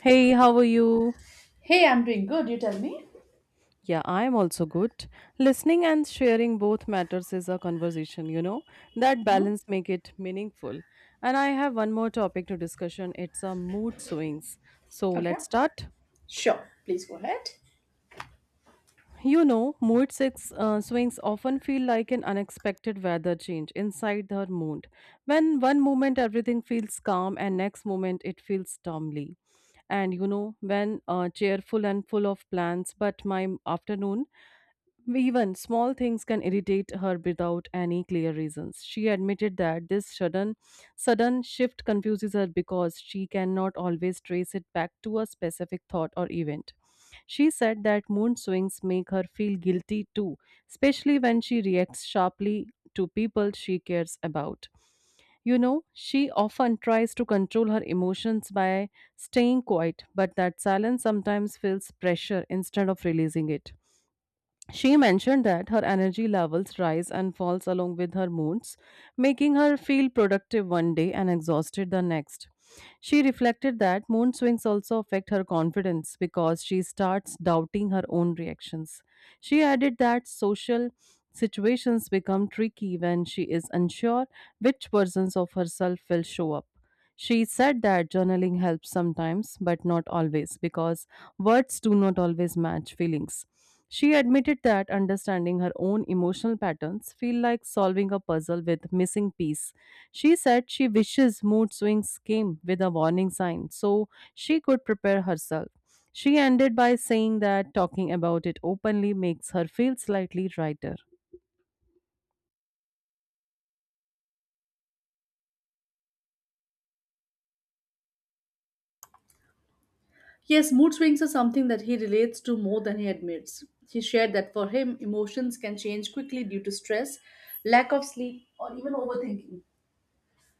Hey, how are you? Hey, I'm doing good. You tell me. Yeah, I'm also good. Listening and sharing both matters is a conversation, That Mhm. balance make it meaningful. And I have one more topic to discussion. It's a mood swings. So Okay, let's start. sure. Please go ahead. Mood six, swings often feel like an unexpected weather change inside the mood. When one moment everything feels calm and next moment it feels stormy. And you know, when cheerful and full of plans, but my afternoon. Even small things can irritate her without any clear reasons. She admitted that this sudden shift confuses her because she cannot always trace it back to a specific thought or event. She said that mood swings make her feel guilty too, especially when she reacts sharply to people she cares about. She often tries to control her emotions by staying quiet, but that silence sometimes feels pressure instead of releasing it. She mentioned that her energy levels rise and falls along with her moods, making her feel productive one day and exhausted the next. She reflected that mood swings also affect her confidence because she starts doubting her own reactions. She added that social situations become tricky when she is unsure which versions of herself will show up. She said that journaling helps sometimes, but not always, because words do not always match feelings. She admitted that understanding her own emotional patterns feel like solving a puzzle with missing piece. She said she wishes mood swings came with a warning sign so she could prepare herself. She ended by saying that talking about it openly makes her feel slightly lighter. Yes, mood swings are something that he relates to more than he admits. He shared that for him, emotions can change quickly due to stress, lack of sleep, or even overthinking.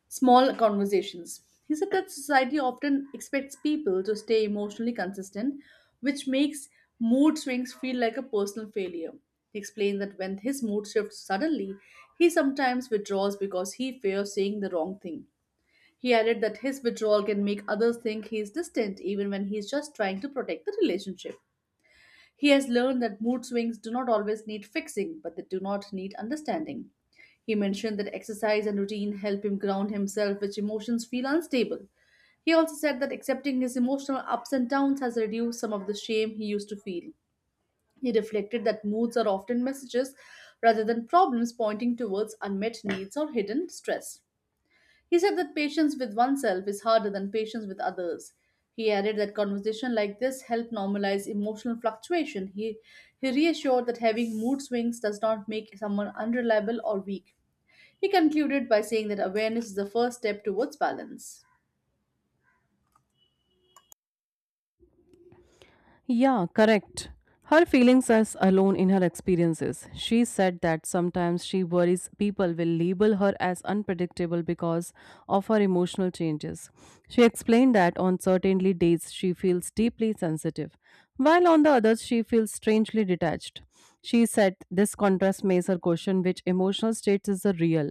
Small conversations. He said that society often expects people to stay emotionally consistent, which makes mood swings feel like a personal failure. He explained that when his mood shifts suddenly, he sometimes withdraws because he fears saying the wrong thing. He added that his withdrawal can make others think he is distant even when he is just trying to protect the relationship. He has learned that mood swings do not always need fixing, but they do not need understanding. He mentioned that exercise and routine help him ground himself, which emotions feel unstable. He also said that accepting his emotional ups and downs has reduced some of the shame he used to feel. He reflected that moods are often messages rather than problems pointing towards unmet needs or hidden stress. He said that patience with oneself is harder than patience with others. He added that conversation like this help normalize emotional fluctuation. He reassured that having mood swings does not make someone unreliable or weak. He concluded by saying that awareness is the first step towards balance. Yeah, correct. Her feelings are alone in her experiences. She said that sometimes she worries people will label her as unpredictable because of her emotional changes. She explained that on certain days she feels deeply sensitive, while on the others she feels strangely detached. She said this contrast makes her question which emotional state is the real,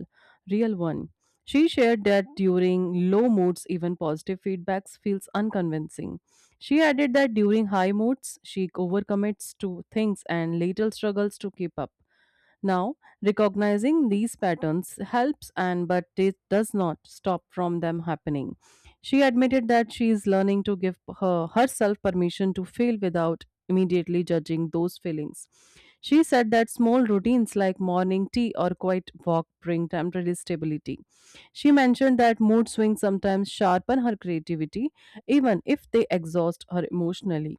real one. She shared that during low moods, even positive feedbacks feels unconvincing. She added that during high moods, she overcommits to things and later struggles to keep up. Now, recognizing these patterns helps and but it does not stop from them happening. She admitted that she is learning to give her herself permission to fail without immediately judging those feelings. She said that small routines like morning tea or quiet walk bring temporary stability. She mentioned that mood swings sometimes sharpen her creativity even if they exhaust her emotionally,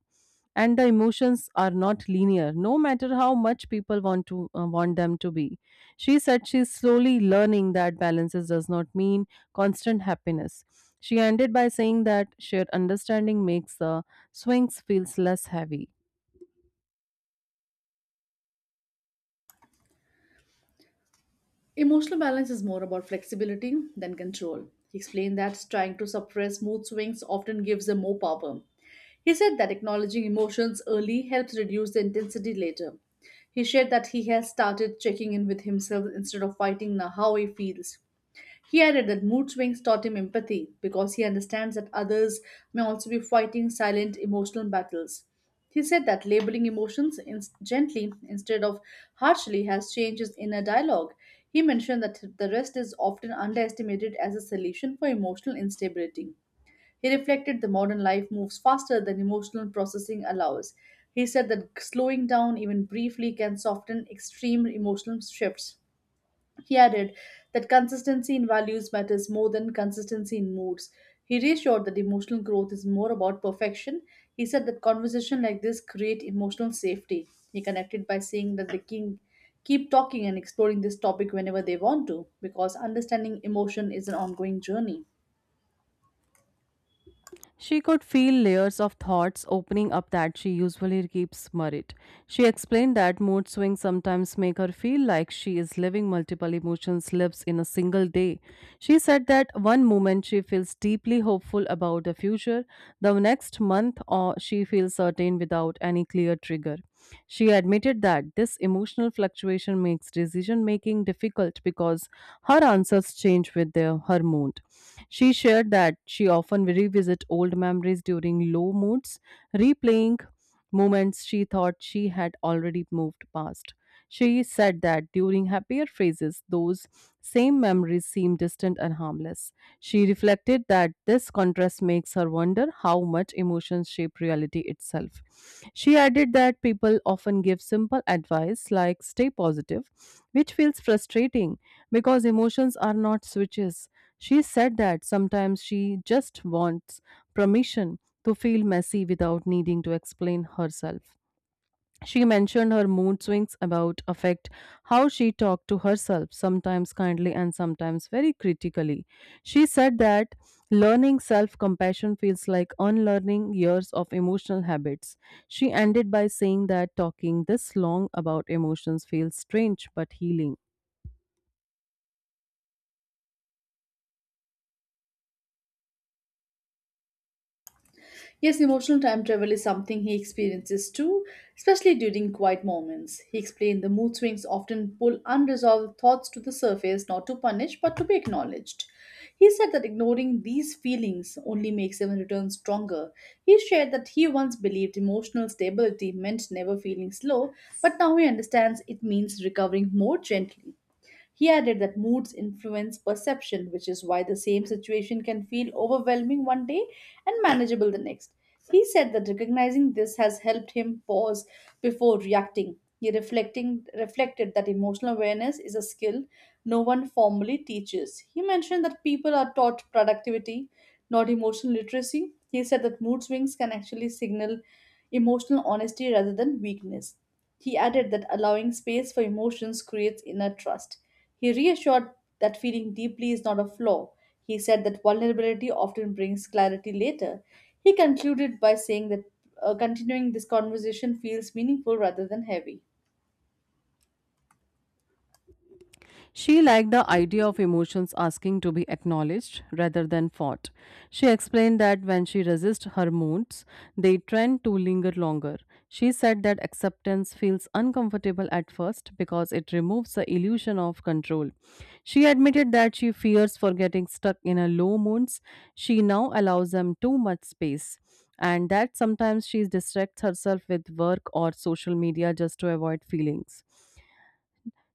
and the emotions are not linear no matter how much people want them to be. She said she's slowly learning that balances does not mean constant happiness. She ended by saying that shared understanding makes the swings feels less heavy. Emotional balance is more about flexibility than control. He explained that trying to suppress mood swings often gives them more power. He said that acknowledging emotions early helps reduce the intensity later. He shared that he has started checking in with himself instead of fighting now how he feels. He added that mood swings taught him empathy because he understands that others may also be fighting silent emotional battles. He said that labeling emotions in- gently instead of harshly has changed his inner dialogue. He mentioned that the rest is often underestimated as a solution for emotional instability. He reflected that modern life moves faster than emotional processing allows. He said that slowing down even briefly can soften extreme emotional shifts. He added that consistency in values matters more than consistency in moods. He reassured that emotional growth is more about perfection. He said that conversations like this create emotional safety. He connected by saying that the king keep talking and exploring this topic whenever they want to because understanding emotion is an ongoing journey. She could feel layers of thoughts opening up that she usually keeps buried. She explained that mood swings sometimes make her feel like she is living multiple emotions lives in a single day. She said that one moment she feels deeply hopeful about the future, the next month or she feels certain without any clear trigger. She admitted that this emotional fluctuation makes decision making difficult because her answers change with her mood. She shared that she often revisit old memories during low moods, replaying moments she thought she had already moved past. She said that during happier phases, those same memories seem distant and harmless. She reflected that this contrast makes her wonder how much emotions shape reality itself. She added that people often give simple advice like stay positive, which feels frustrating because emotions are not switches. She said that sometimes she just wants permission to feel messy without needing to explain herself. She mentioned her mood swings about affect how she talked to herself, sometimes kindly and sometimes very critically. She said that learning self compassion feels like unlearning years of emotional habits. She ended by saying that talking this long about emotions feels strange but healing. Yes, emotional time travel is something he experiences too, especially during quiet moments. He explained the mood swings often pull unresolved thoughts to the surface, not to punish, but to be acknowledged. He said that ignoring these feelings only makes them return stronger. He shared that he once believed emotional stability meant never feeling slow, but now he understands it means recovering more gently. He added that moods influence perception, which is why the same situation can feel overwhelming one day and manageable the next. He said that recognizing this has helped him pause before reacting. He reflecting reflected that emotional awareness is a skill no one formally teaches. He mentioned that people are taught productivity, not emotional literacy. He said that mood swings can actually signal emotional honesty rather than weakness. He added that allowing space for emotions creates inner trust. He reassured that feeling deeply is not a flaw. He said that vulnerability often brings clarity later. He concluded by saying that continuing this conversation feels meaningful rather than heavy. She liked the idea of emotions asking to be acknowledged rather than fought. She explained that when she resists her moods, they tend to linger longer. She said that acceptance feels uncomfortable at first because it removes the illusion of control. She admitted that she fears for getting stuck in her low moods. She now allows them too much space, and that sometimes she distracts herself with work or social media just to avoid feelings.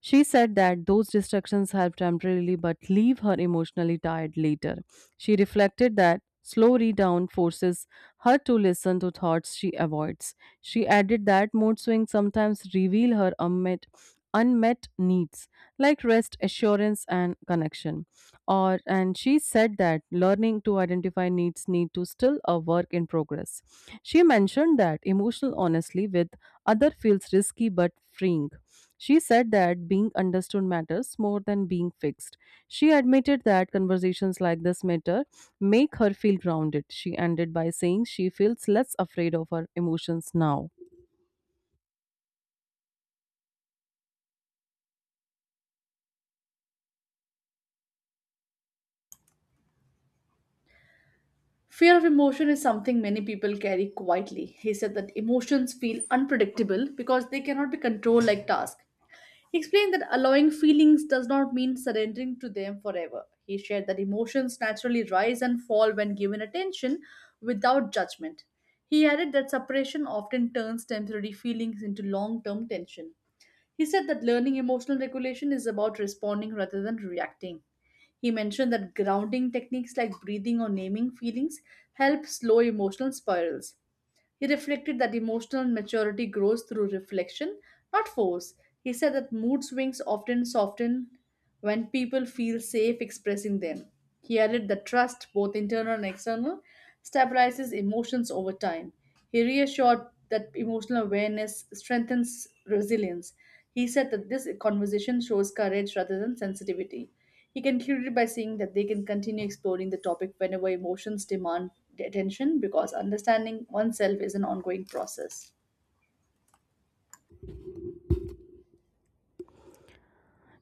She said that those distractions help temporarily but leave her emotionally tired later. She reflected that slow read-down forces her to listen to thoughts she avoids. She added that mood swings sometimes reveal her unmet needs like rest, assurance and connection. Or and she said that learning to identify needs need to still a work in progress. She mentioned that emotional honesty with other feels risky but freeing. She said that being understood matters more than being fixed. She admitted that conversations like this matter make her feel grounded. She ended by saying she feels less afraid of her emotions now. Fear of emotion is something many people carry quietly. He said that emotions feel unpredictable because they cannot be controlled like tasks. He explained that allowing feelings does not mean surrendering to them forever. He shared that emotions naturally rise and fall when given attention, without judgment. He added that separation often turns temporary feelings into long term tension. He said that learning emotional regulation is about responding rather than reacting. He mentioned that grounding techniques like breathing or naming feelings help slow emotional spirals. He reflected that emotional maturity grows through reflection, not force. He said that mood swings often soften when people feel safe expressing them. He added that trust, both internal and external, stabilizes emotions over time. He reassured that emotional awareness strengthens resilience. He said that this conversation shows courage rather than sensitivity. He concluded by saying that they can continue exploring the topic whenever emotions demand attention because understanding oneself is an ongoing process.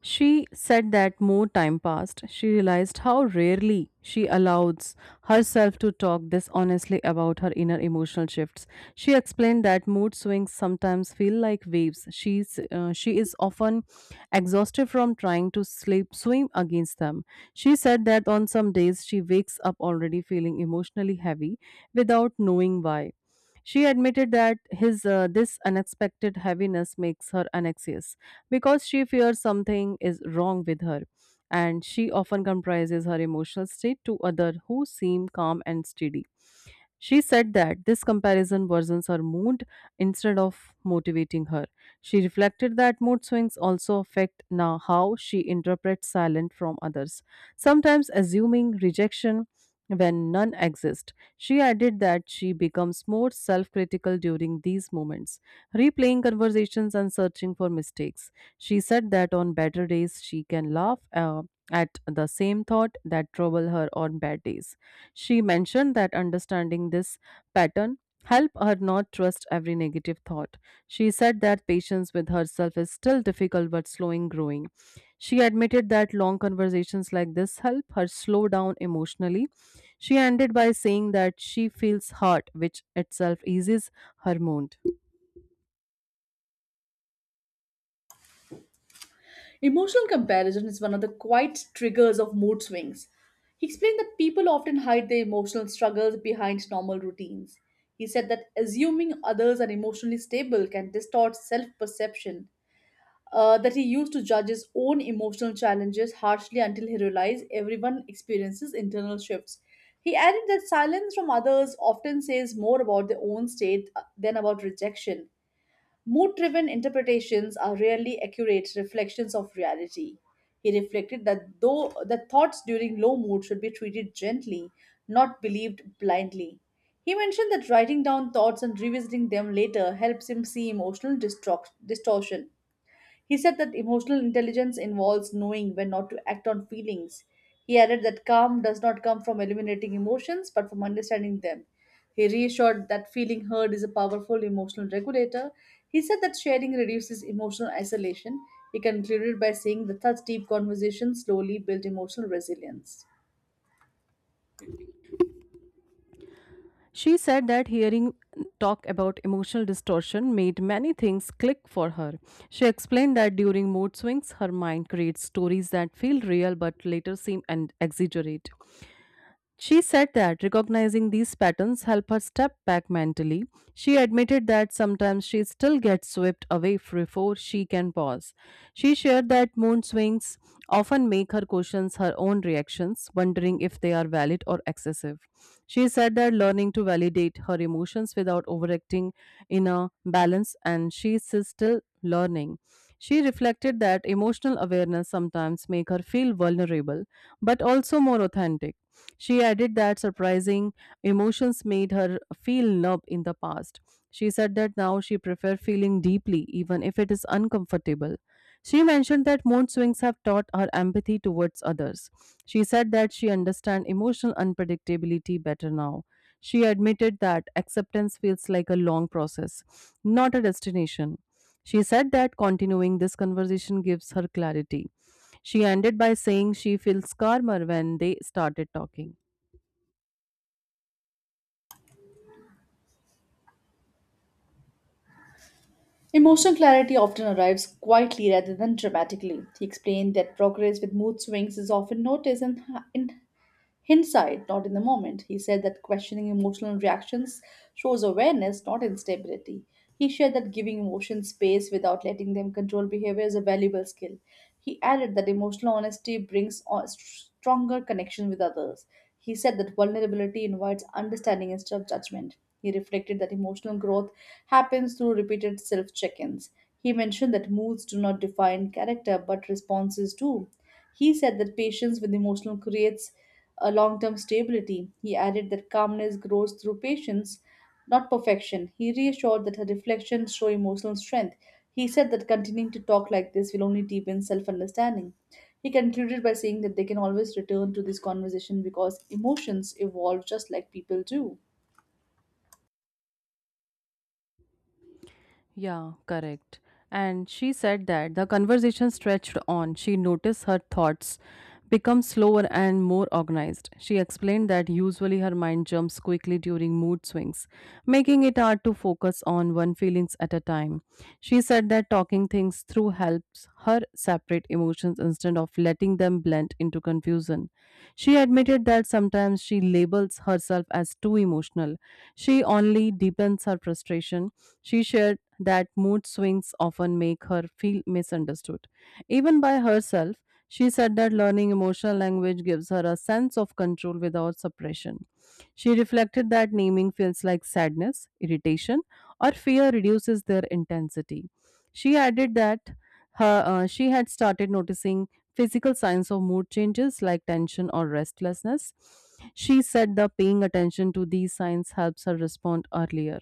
She said that more time passed, she realized how rarely she allows herself to talk this honestly about her inner emotional shifts. She explained that mood swings sometimes feel like waves. She is often exhausted from trying to sleep, swim against them. She said that on some days she wakes up already feeling emotionally heavy without knowing why. She admitted that his this unexpected heaviness makes her anxious because she fears something is wrong with her. And she often comprises her emotional state to others who seem calm and steady. She said that this comparison worsens her mood instead of motivating her. She reflected that mood swings also affect now how she interprets silence from others, sometimes assuming rejection when none exist. She added that she becomes more self-critical during these moments, replaying conversations and searching for mistakes. She said that on better days she can laugh at the same thought that trouble her on bad days. She mentioned that understanding this pattern help her not trust every negative thought. She said that patience with herself is still difficult but slowing growing. She admitted that long conversations like this help her slow down emotionally. She ended by saying that she feels hurt, which itself eases her mood. Emotional comparison is one of the quiet triggers of mood swings. He explained that people often hide their emotional struggles behind normal routines. He said that assuming others are emotionally stable can distort self perception, that he used to judge his own emotional challenges harshly until he realized everyone experiences internal shifts. He added that silence from others often says more about their own state than about rejection. Mood driven interpretations are rarely accurate reflections of reality. He reflected that though that thoughts during low mood should be treated gently, not believed blindly. He mentioned that writing down thoughts and revisiting them later helps him see emotional distortion. He said that emotional intelligence involves knowing when not to act on feelings. He added that calm does not come from eliminating emotions but from understanding them. He reassured that feeling heard is a powerful emotional regulator. He said that sharing reduces emotional isolation. He concluded by saying that such deep conversations slowly build emotional resilience. She said that hearing talk about emotional distortion made many things click for her. She explained that during mood swings, her mind creates stories that feel real but later seem and exaggerate. She said that recognizing these patterns help her step back mentally. She admitted that sometimes she still gets swept away before she can pause. She shared that mood swings often make her question her own reactions, wondering if they are valid or excessive. She said that learning to validate her emotions without overacting in a balance and she is still learning. She reflected that emotional awareness sometimes make her feel vulnerable but also more authentic. She added that surprising emotions made her feel numb in the past. She said that now she prefers feeling deeply, even if it is uncomfortable. She mentioned that mood swings have taught her empathy towards others. She said that she understands emotional unpredictability better now. She admitted that acceptance feels like a long process, not a destination. She said that continuing this conversation gives her clarity. She ended by saying she feels calmer when they started talking. Emotional clarity often arrives quietly rather than dramatically. He explained that progress with mood swings is often noticed and Hindsight, not in the moment. He said that questioning emotional reactions shows awareness, not instability. He shared that giving emotions space without letting them control behavior is a valuable skill. He added that emotional honesty brings a stronger connection with others. He said that vulnerability invites understanding instead of judgment. He reflected that emotional growth happens through repeated self check ins. He mentioned that moods do not define character, but responses do. He said that patience with emotional creates a long term stability. He added that calmness grows through patience, not perfection. He reassured that her reflections show emotional strength. He said that continuing to talk like this will only deepen self understanding. He concluded by saying that they can always return to this conversation because emotions evolve just like people do. Yeah, correct. And she said that the conversation stretched on. She noticed her thoughts become slower and more organized. She explained that usually her mind jumps quickly during mood swings, making it hard to focus on one feelings at a time. She said that talking things through helps her separate emotions instead of letting them blend into confusion. She admitted that sometimes she labels herself as too emotional. She only deepens her frustration. She shared that mood swings often make her feel misunderstood. Even by herself, she said that learning emotional language gives her a sense of control without suppression. She reflected that naming feels like sadness, irritation, or fear reduces their intensity. She added that she had started noticing physical signs of mood changes like tension or restlessness. She said the paying attention to these signs helps her respond earlier.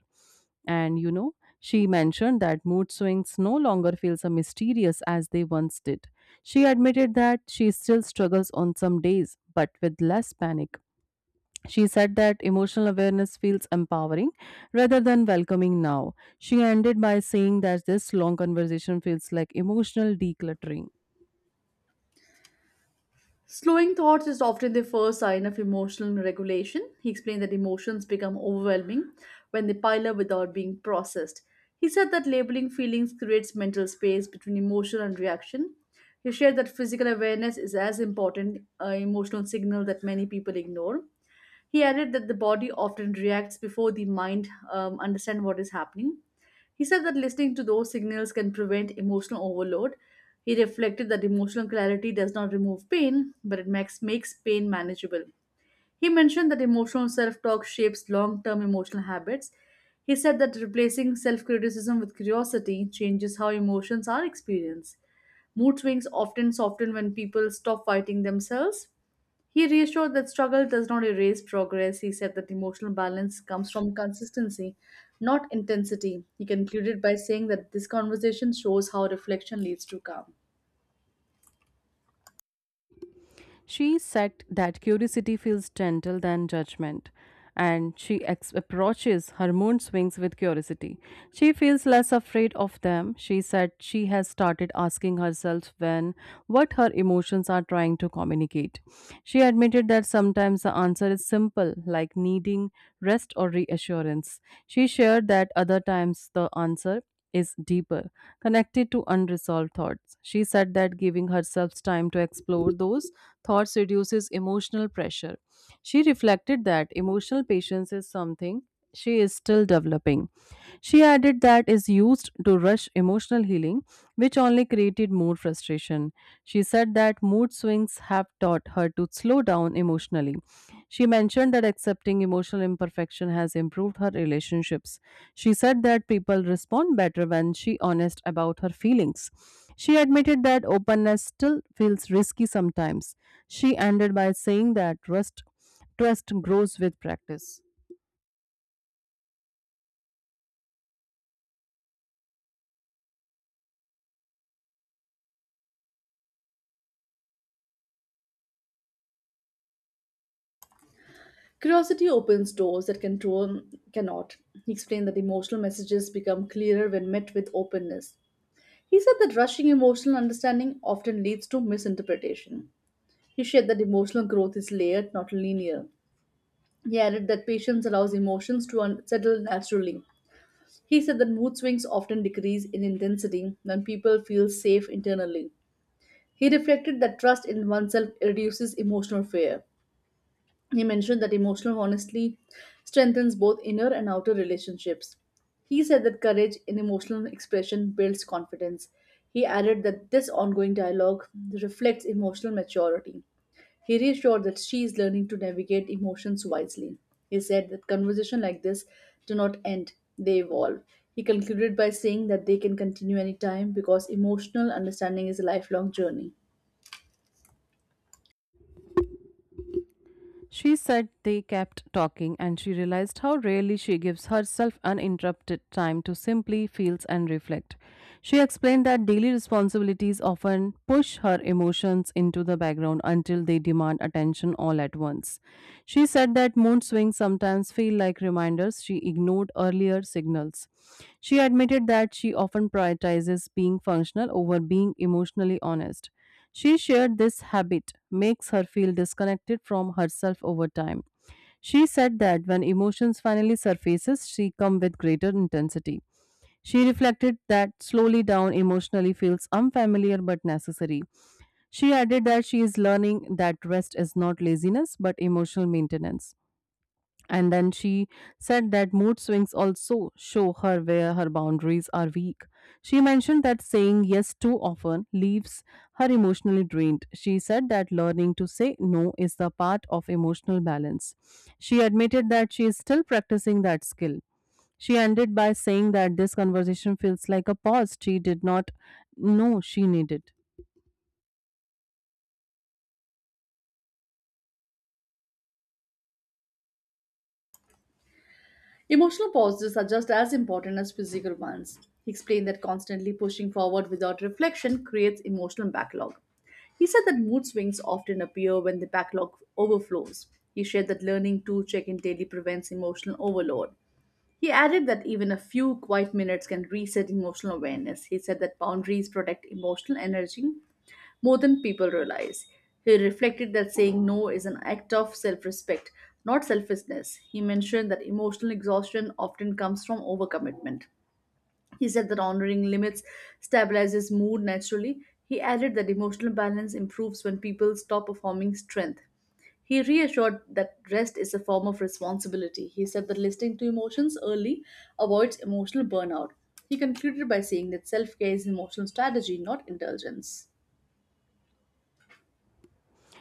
And you know, she mentioned that mood swings no longer feel so mysterious as they once did. She admitted that she still struggles on some days, but with less panic. She said that emotional awareness feels empowering rather than welcoming now. She ended by saying that this long conversation feels like emotional decluttering. Slowing thoughts is often the first sign of emotional regulation. He explained that emotions become overwhelming when they pile up without being processed. He said that labeling feelings creates mental space between emotion and reaction. He shared that physical awareness is as important an emotional signal that many people ignore. He added that the body often reacts before the mind understand what is happening. He said that listening to those signals can prevent emotional overload. He reflected that emotional clarity does not remove pain, but it makes pain manageable. He mentioned that emotional self talk shapes long term emotional habits. He said that replacing self criticism with curiosity changes how emotions are experienced. Mood swings often soften when people stop fighting themselves. He reassured that struggle does not erase progress. He said that emotional balance comes from consistency, not intensity. He concluded by saying that this conversation shows how reflection leads to calm. She said that curiosity feels gentle than judgment, and she approaches her moon swings with curiosity. She feels less afraid of them. She said she has started asking herself when what her emotions are trying to communicate. She admitted that sometimes the answer is simple, like needing rest or reassurance. She shared that other times the answer is deeper, connected to unresolved thoughts. She said that giving herself time to explore those thoughts reduces emotional pressure. She reflected that emotional patience is something she is still developing. She added that is used to rush emotional healing, which only created more frustration. She said that mood swings have taught her to slow down emotionally. She mentioned that accepting emotional imperfection has improved her relationships. She said that people respond better when she honest about her feelings. She admitted that openness still feels risky sometimes. She ended by saying that trust grows with practice. Curiosity opens doors that control cannot. He explained that emotional messages become clearer when met with openness. He said that rushing emotional understanding often leads to misinterpretation. He shared that emotional growth is layered, not linear. He added that patience allows emotions to settle naturally. He said that mood swings often decrease in intensity when people feel safe internally. He reflected that trust in oneself reduces emotional fear. He mentioned that emotional honesty strengthens both inner and outer relationships. He said that courage in emotional expression builds confidence. He added that this ongoing dialogue reflects emotional maturity. He reassured that she is learning to navigate emotions wisely. He said that conversations like this do not end, they evolve. He concluded by saying that they can continue anytime because emotional understanding is a lifelong journey. She said they kept talking, and she realized how rarely she gives herself uninterrupted time to simply feel and reflect. She explained that daily responsibilities often push her emotions into the background until they demand attention all at once. She said that mood swings sometimes feel like reminders she ignored earlier signals. She admitted that she often prioritizes being functional over being emotionally honest. She shared this habit makes her feel disconnected from herself over time. She said that when emotions finally surfaces, she come with greater intensity. She reflected that slowly down emotionally feels unfamiliar but necessary. She added that she is learning that rest is not laziness but emotional maintenance. And then she said that mood swings also show her where her boundaries are weak. She mentioned that saying yes too often leaves her emotionally drained. She said that learning to say no is the part of emotional balance. She admitted that she is still practicing that skill. She ended by saying that this conversation feels like a pause she did not know she needed. Emotional pauses are just as important as physical ones. He explained that constantly pushing forward without reflection creates emotional backlog. He said that mood swings often appear when the backlog overflows. He shared that learning to check in daily prevents emotional overload. He added that even a few quiet minutes can reset emotional awareness. He said that boundaries protect emotional energy more than people realize. He reflected that saying no is an act of self respect, not selfishness. He mentioned that emotional exhaustion often comes from overcommitment. He said that honoring limits stabilizes mood naturally. He added that emotional balance improves when people stop performing strength. He reassured that rest is a form of responsibility. He said that listening to emotions early avoids emotional burnout. He concluded by saying that self care is an emotional strategy, not indulgence.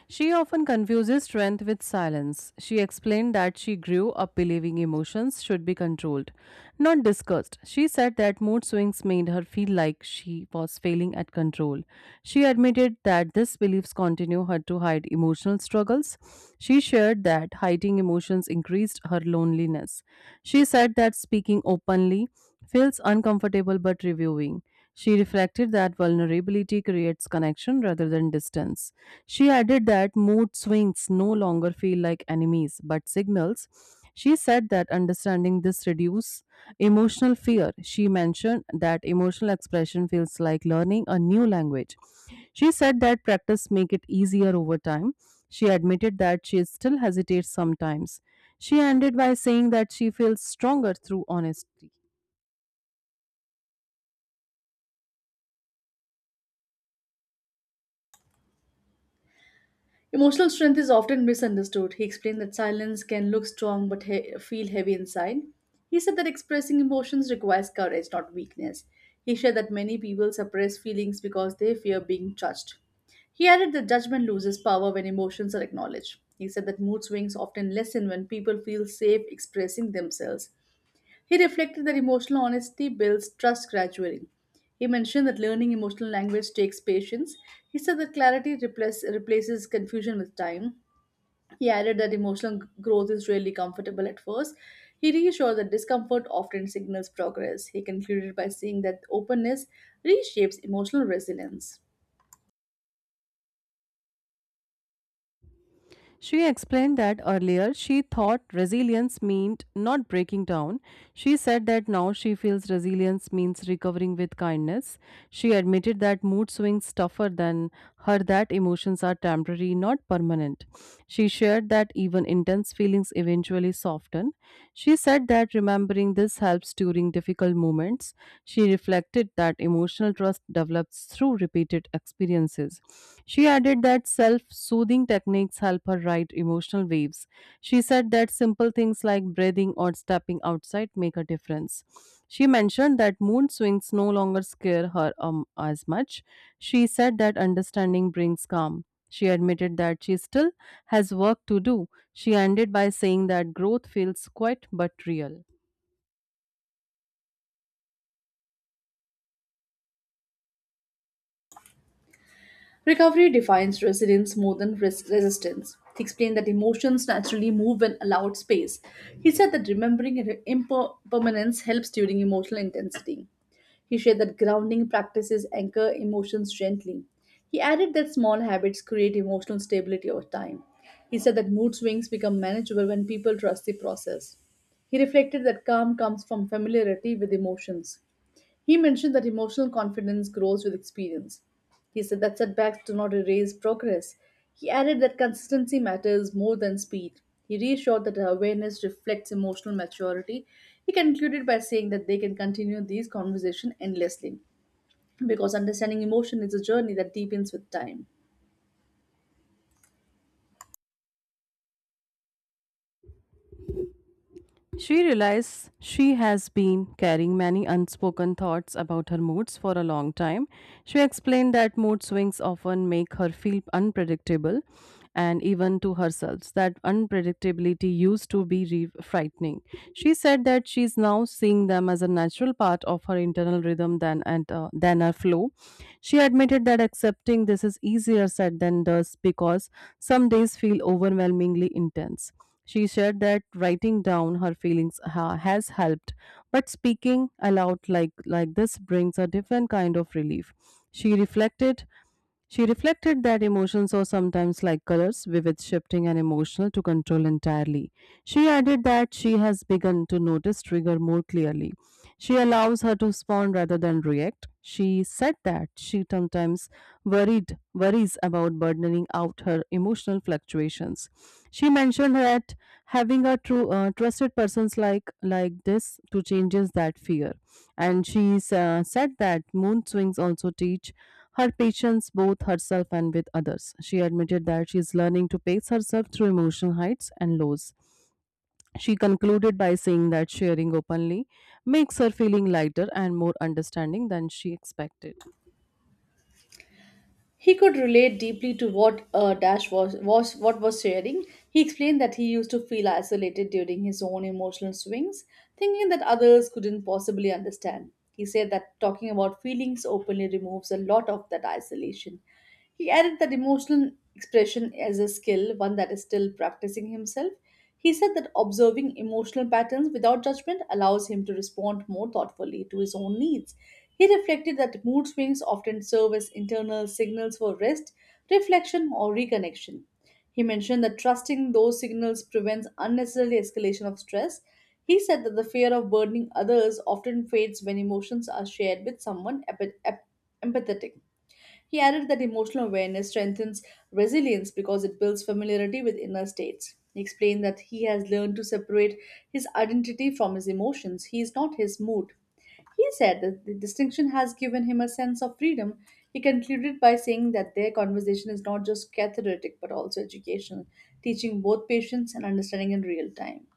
She often confuses strength with silence. She explained that she grew up believing emotions should be controlled, not discussed. She said that mood swings made her feel like she was failing at control. She admitted that these beliefs continue her to hide emotional struggles. She shared that hiding emotions increased her loneliness. She said that speaking openly feels uncomfortable but reviewing. She reflected that vulnerability creates connection rather than distance. She added that mood swings no longer feel like enemies but signals. She said that understanding this reduces emotional fear. She mentioned that emotional expression feels like learning a new language. She said that practice make it easier over time. She admitted that she still hesitates sometimes. She ended by saying that she feels stronger through honesty. Emotional strength is often misunderstood. He explained that silence can look strong but feel heavy inside. He said that expressing emotions requires courage, not weakness. He shared that many people suppress feelings because they fear being judged. He added that judgment loses power when emotions are acknowledged. He said that mood swings often lessen when people feel safe expressing themselves. He reflected that emotional honesty builds trust gradually. He mentioned that learning emotional language takes patience. He said that clarity replaces confusion with time. He added that emotional growth is rarely comfortable at first. He reassured that discomfort often signals progress. He concluded by saying that openness reshapes emotional resilience. She explained that earlier she thought resilience meant not breaking down. She said that now she feels resilience means recovering with kindness. She admitted that mood swings tougher than her that emotions are temporary, not permanent. She shared said that even intense feelings eventually soften. She said that remembering this helps during difficult moments. She reflected that emotional trust develops through repeated experiences. She added that self soothing techniques help her ride emotional waves. She said that simple things like breathing or stepping outside make a difference. She mentioned that mood swings no longer scare her as much. She said that understanding brings calm. She admitted that she still has work to do. She ended by saying that growth feels quiet but real. Recovery defines resilience more than risk resistance. He explained that emotions naturally move when allowed space. He said that remembering impermanence helps during emotional intensity. He shared that grounding practices anchor emotions gently. He added that small habits create emotional stability over time. He said that mood swings become manageable when people trust the process. He reflected that calm comes from familiarity with emotions. He mentioned that emotional confidence grows with experience. He said that setbacks do not erase progress. He added that consistency matters more than speed. He reassured that awareness reflects emotional maturity. He concluded by saying that they can continue these conversations endlessly because understanding emotion is a journey that deepens with time. She realizes she has been carrying many unspoken thoughts about her moods for a long time. She explained that mood swings often make her feel unpredictable and even to herself that unpredictability used to be frightening. She said that she is now seeing them as a natural part of her internal rhythm than and than a flow. She admitted that accepting this is easier said than does because some days feel overwhelmingly intense. She shared that writing down her feelings has helped, but speaking aloud like this brings a different kind of relief. She reflected she reflected that emotions are sometimes like colors, vivid, shifting, and emotional to control entirely. She added that she has begun to notice trigger more clearly. She allows her to respond rather than react. She said that she sometimes worried worries about burdening out her emotional fluctuations. She mentioned that having a true trusted persons like this to changes that fear, and said that moon swings also teach her patience both herself and with others. She admitted that she is learning to pace herself through emotional heights and lows. She concluded by saying that sharing openly makes her feeling lighter and more understanding than she expected. He could relate deeply to what Dash was sharing. He explained that he used to feel isolated during his own emotional swings, thinking that others couldn't possibly understand. He said that talking about feelings openly removes a lot of that isolation. He added that emotional expression is a skill, one that is still practicing himself. He said that observing emotional patterns without judgment allows him to respond more thoughtfully to his own needs. He reflected that mood swings often serve as internal signals for rest, reflection, or reconnection. He mentioned that trusting those signals prevents unnecessary escalation of stress. He said that the fear of burdening others often fades when emotions are shared with someone empathetic. He added that emotional awareness strengthens resilience because it builds familiarity with inner states. He explained that he has learned to separate his identity from his emotions. He is not his mood. He said that the distinction has given him a sense of freedom. He concluded by saying that their conversation is not just cathartic but also educational, teaching both patience and understanding in real time.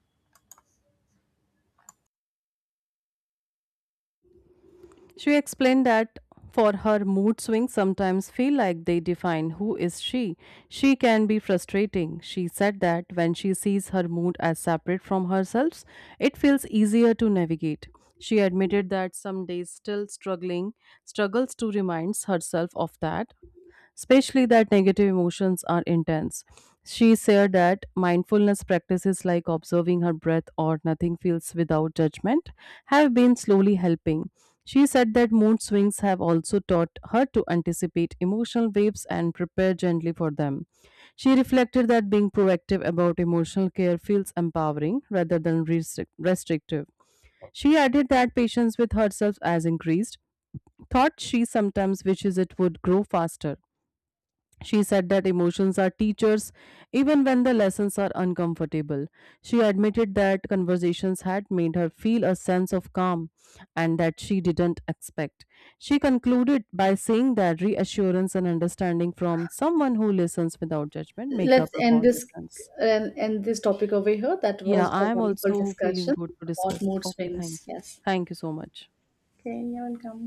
She explained that for her mood swings sometimes feel like they define who is she. She can be frustrating. She said that when she sees her mood as separate from herself, it feels easier to navigate. She admitted that some days still struggling struggles to remind herself of that especially that negative emotions are intense. She said that mindfulness practices like observing her breath or nothing feels without judgment have been slowly helping. She said that mood swings have also taught her to anticipate emotional waves and prepare gently for them. She reflected that being proactive about emotional care feels empowering rather than restrictive. She added that patience with herself has increased, thought she sometimes wishes it would grow faster. She said that emotions are teachers even when the lessons are uncomfortable. She admitted that conversations had made her feel a sense of calm and that she didn't expect. She concluded by saying that reassurance and understanding from someone who listens without judgment make a Let's end profound this difference. and end this topic over here. That Yeah, was a I am wonderful also feeling discussion good to about discuss. mood Okay, swings. Yes. thank you so much. Cranial gum.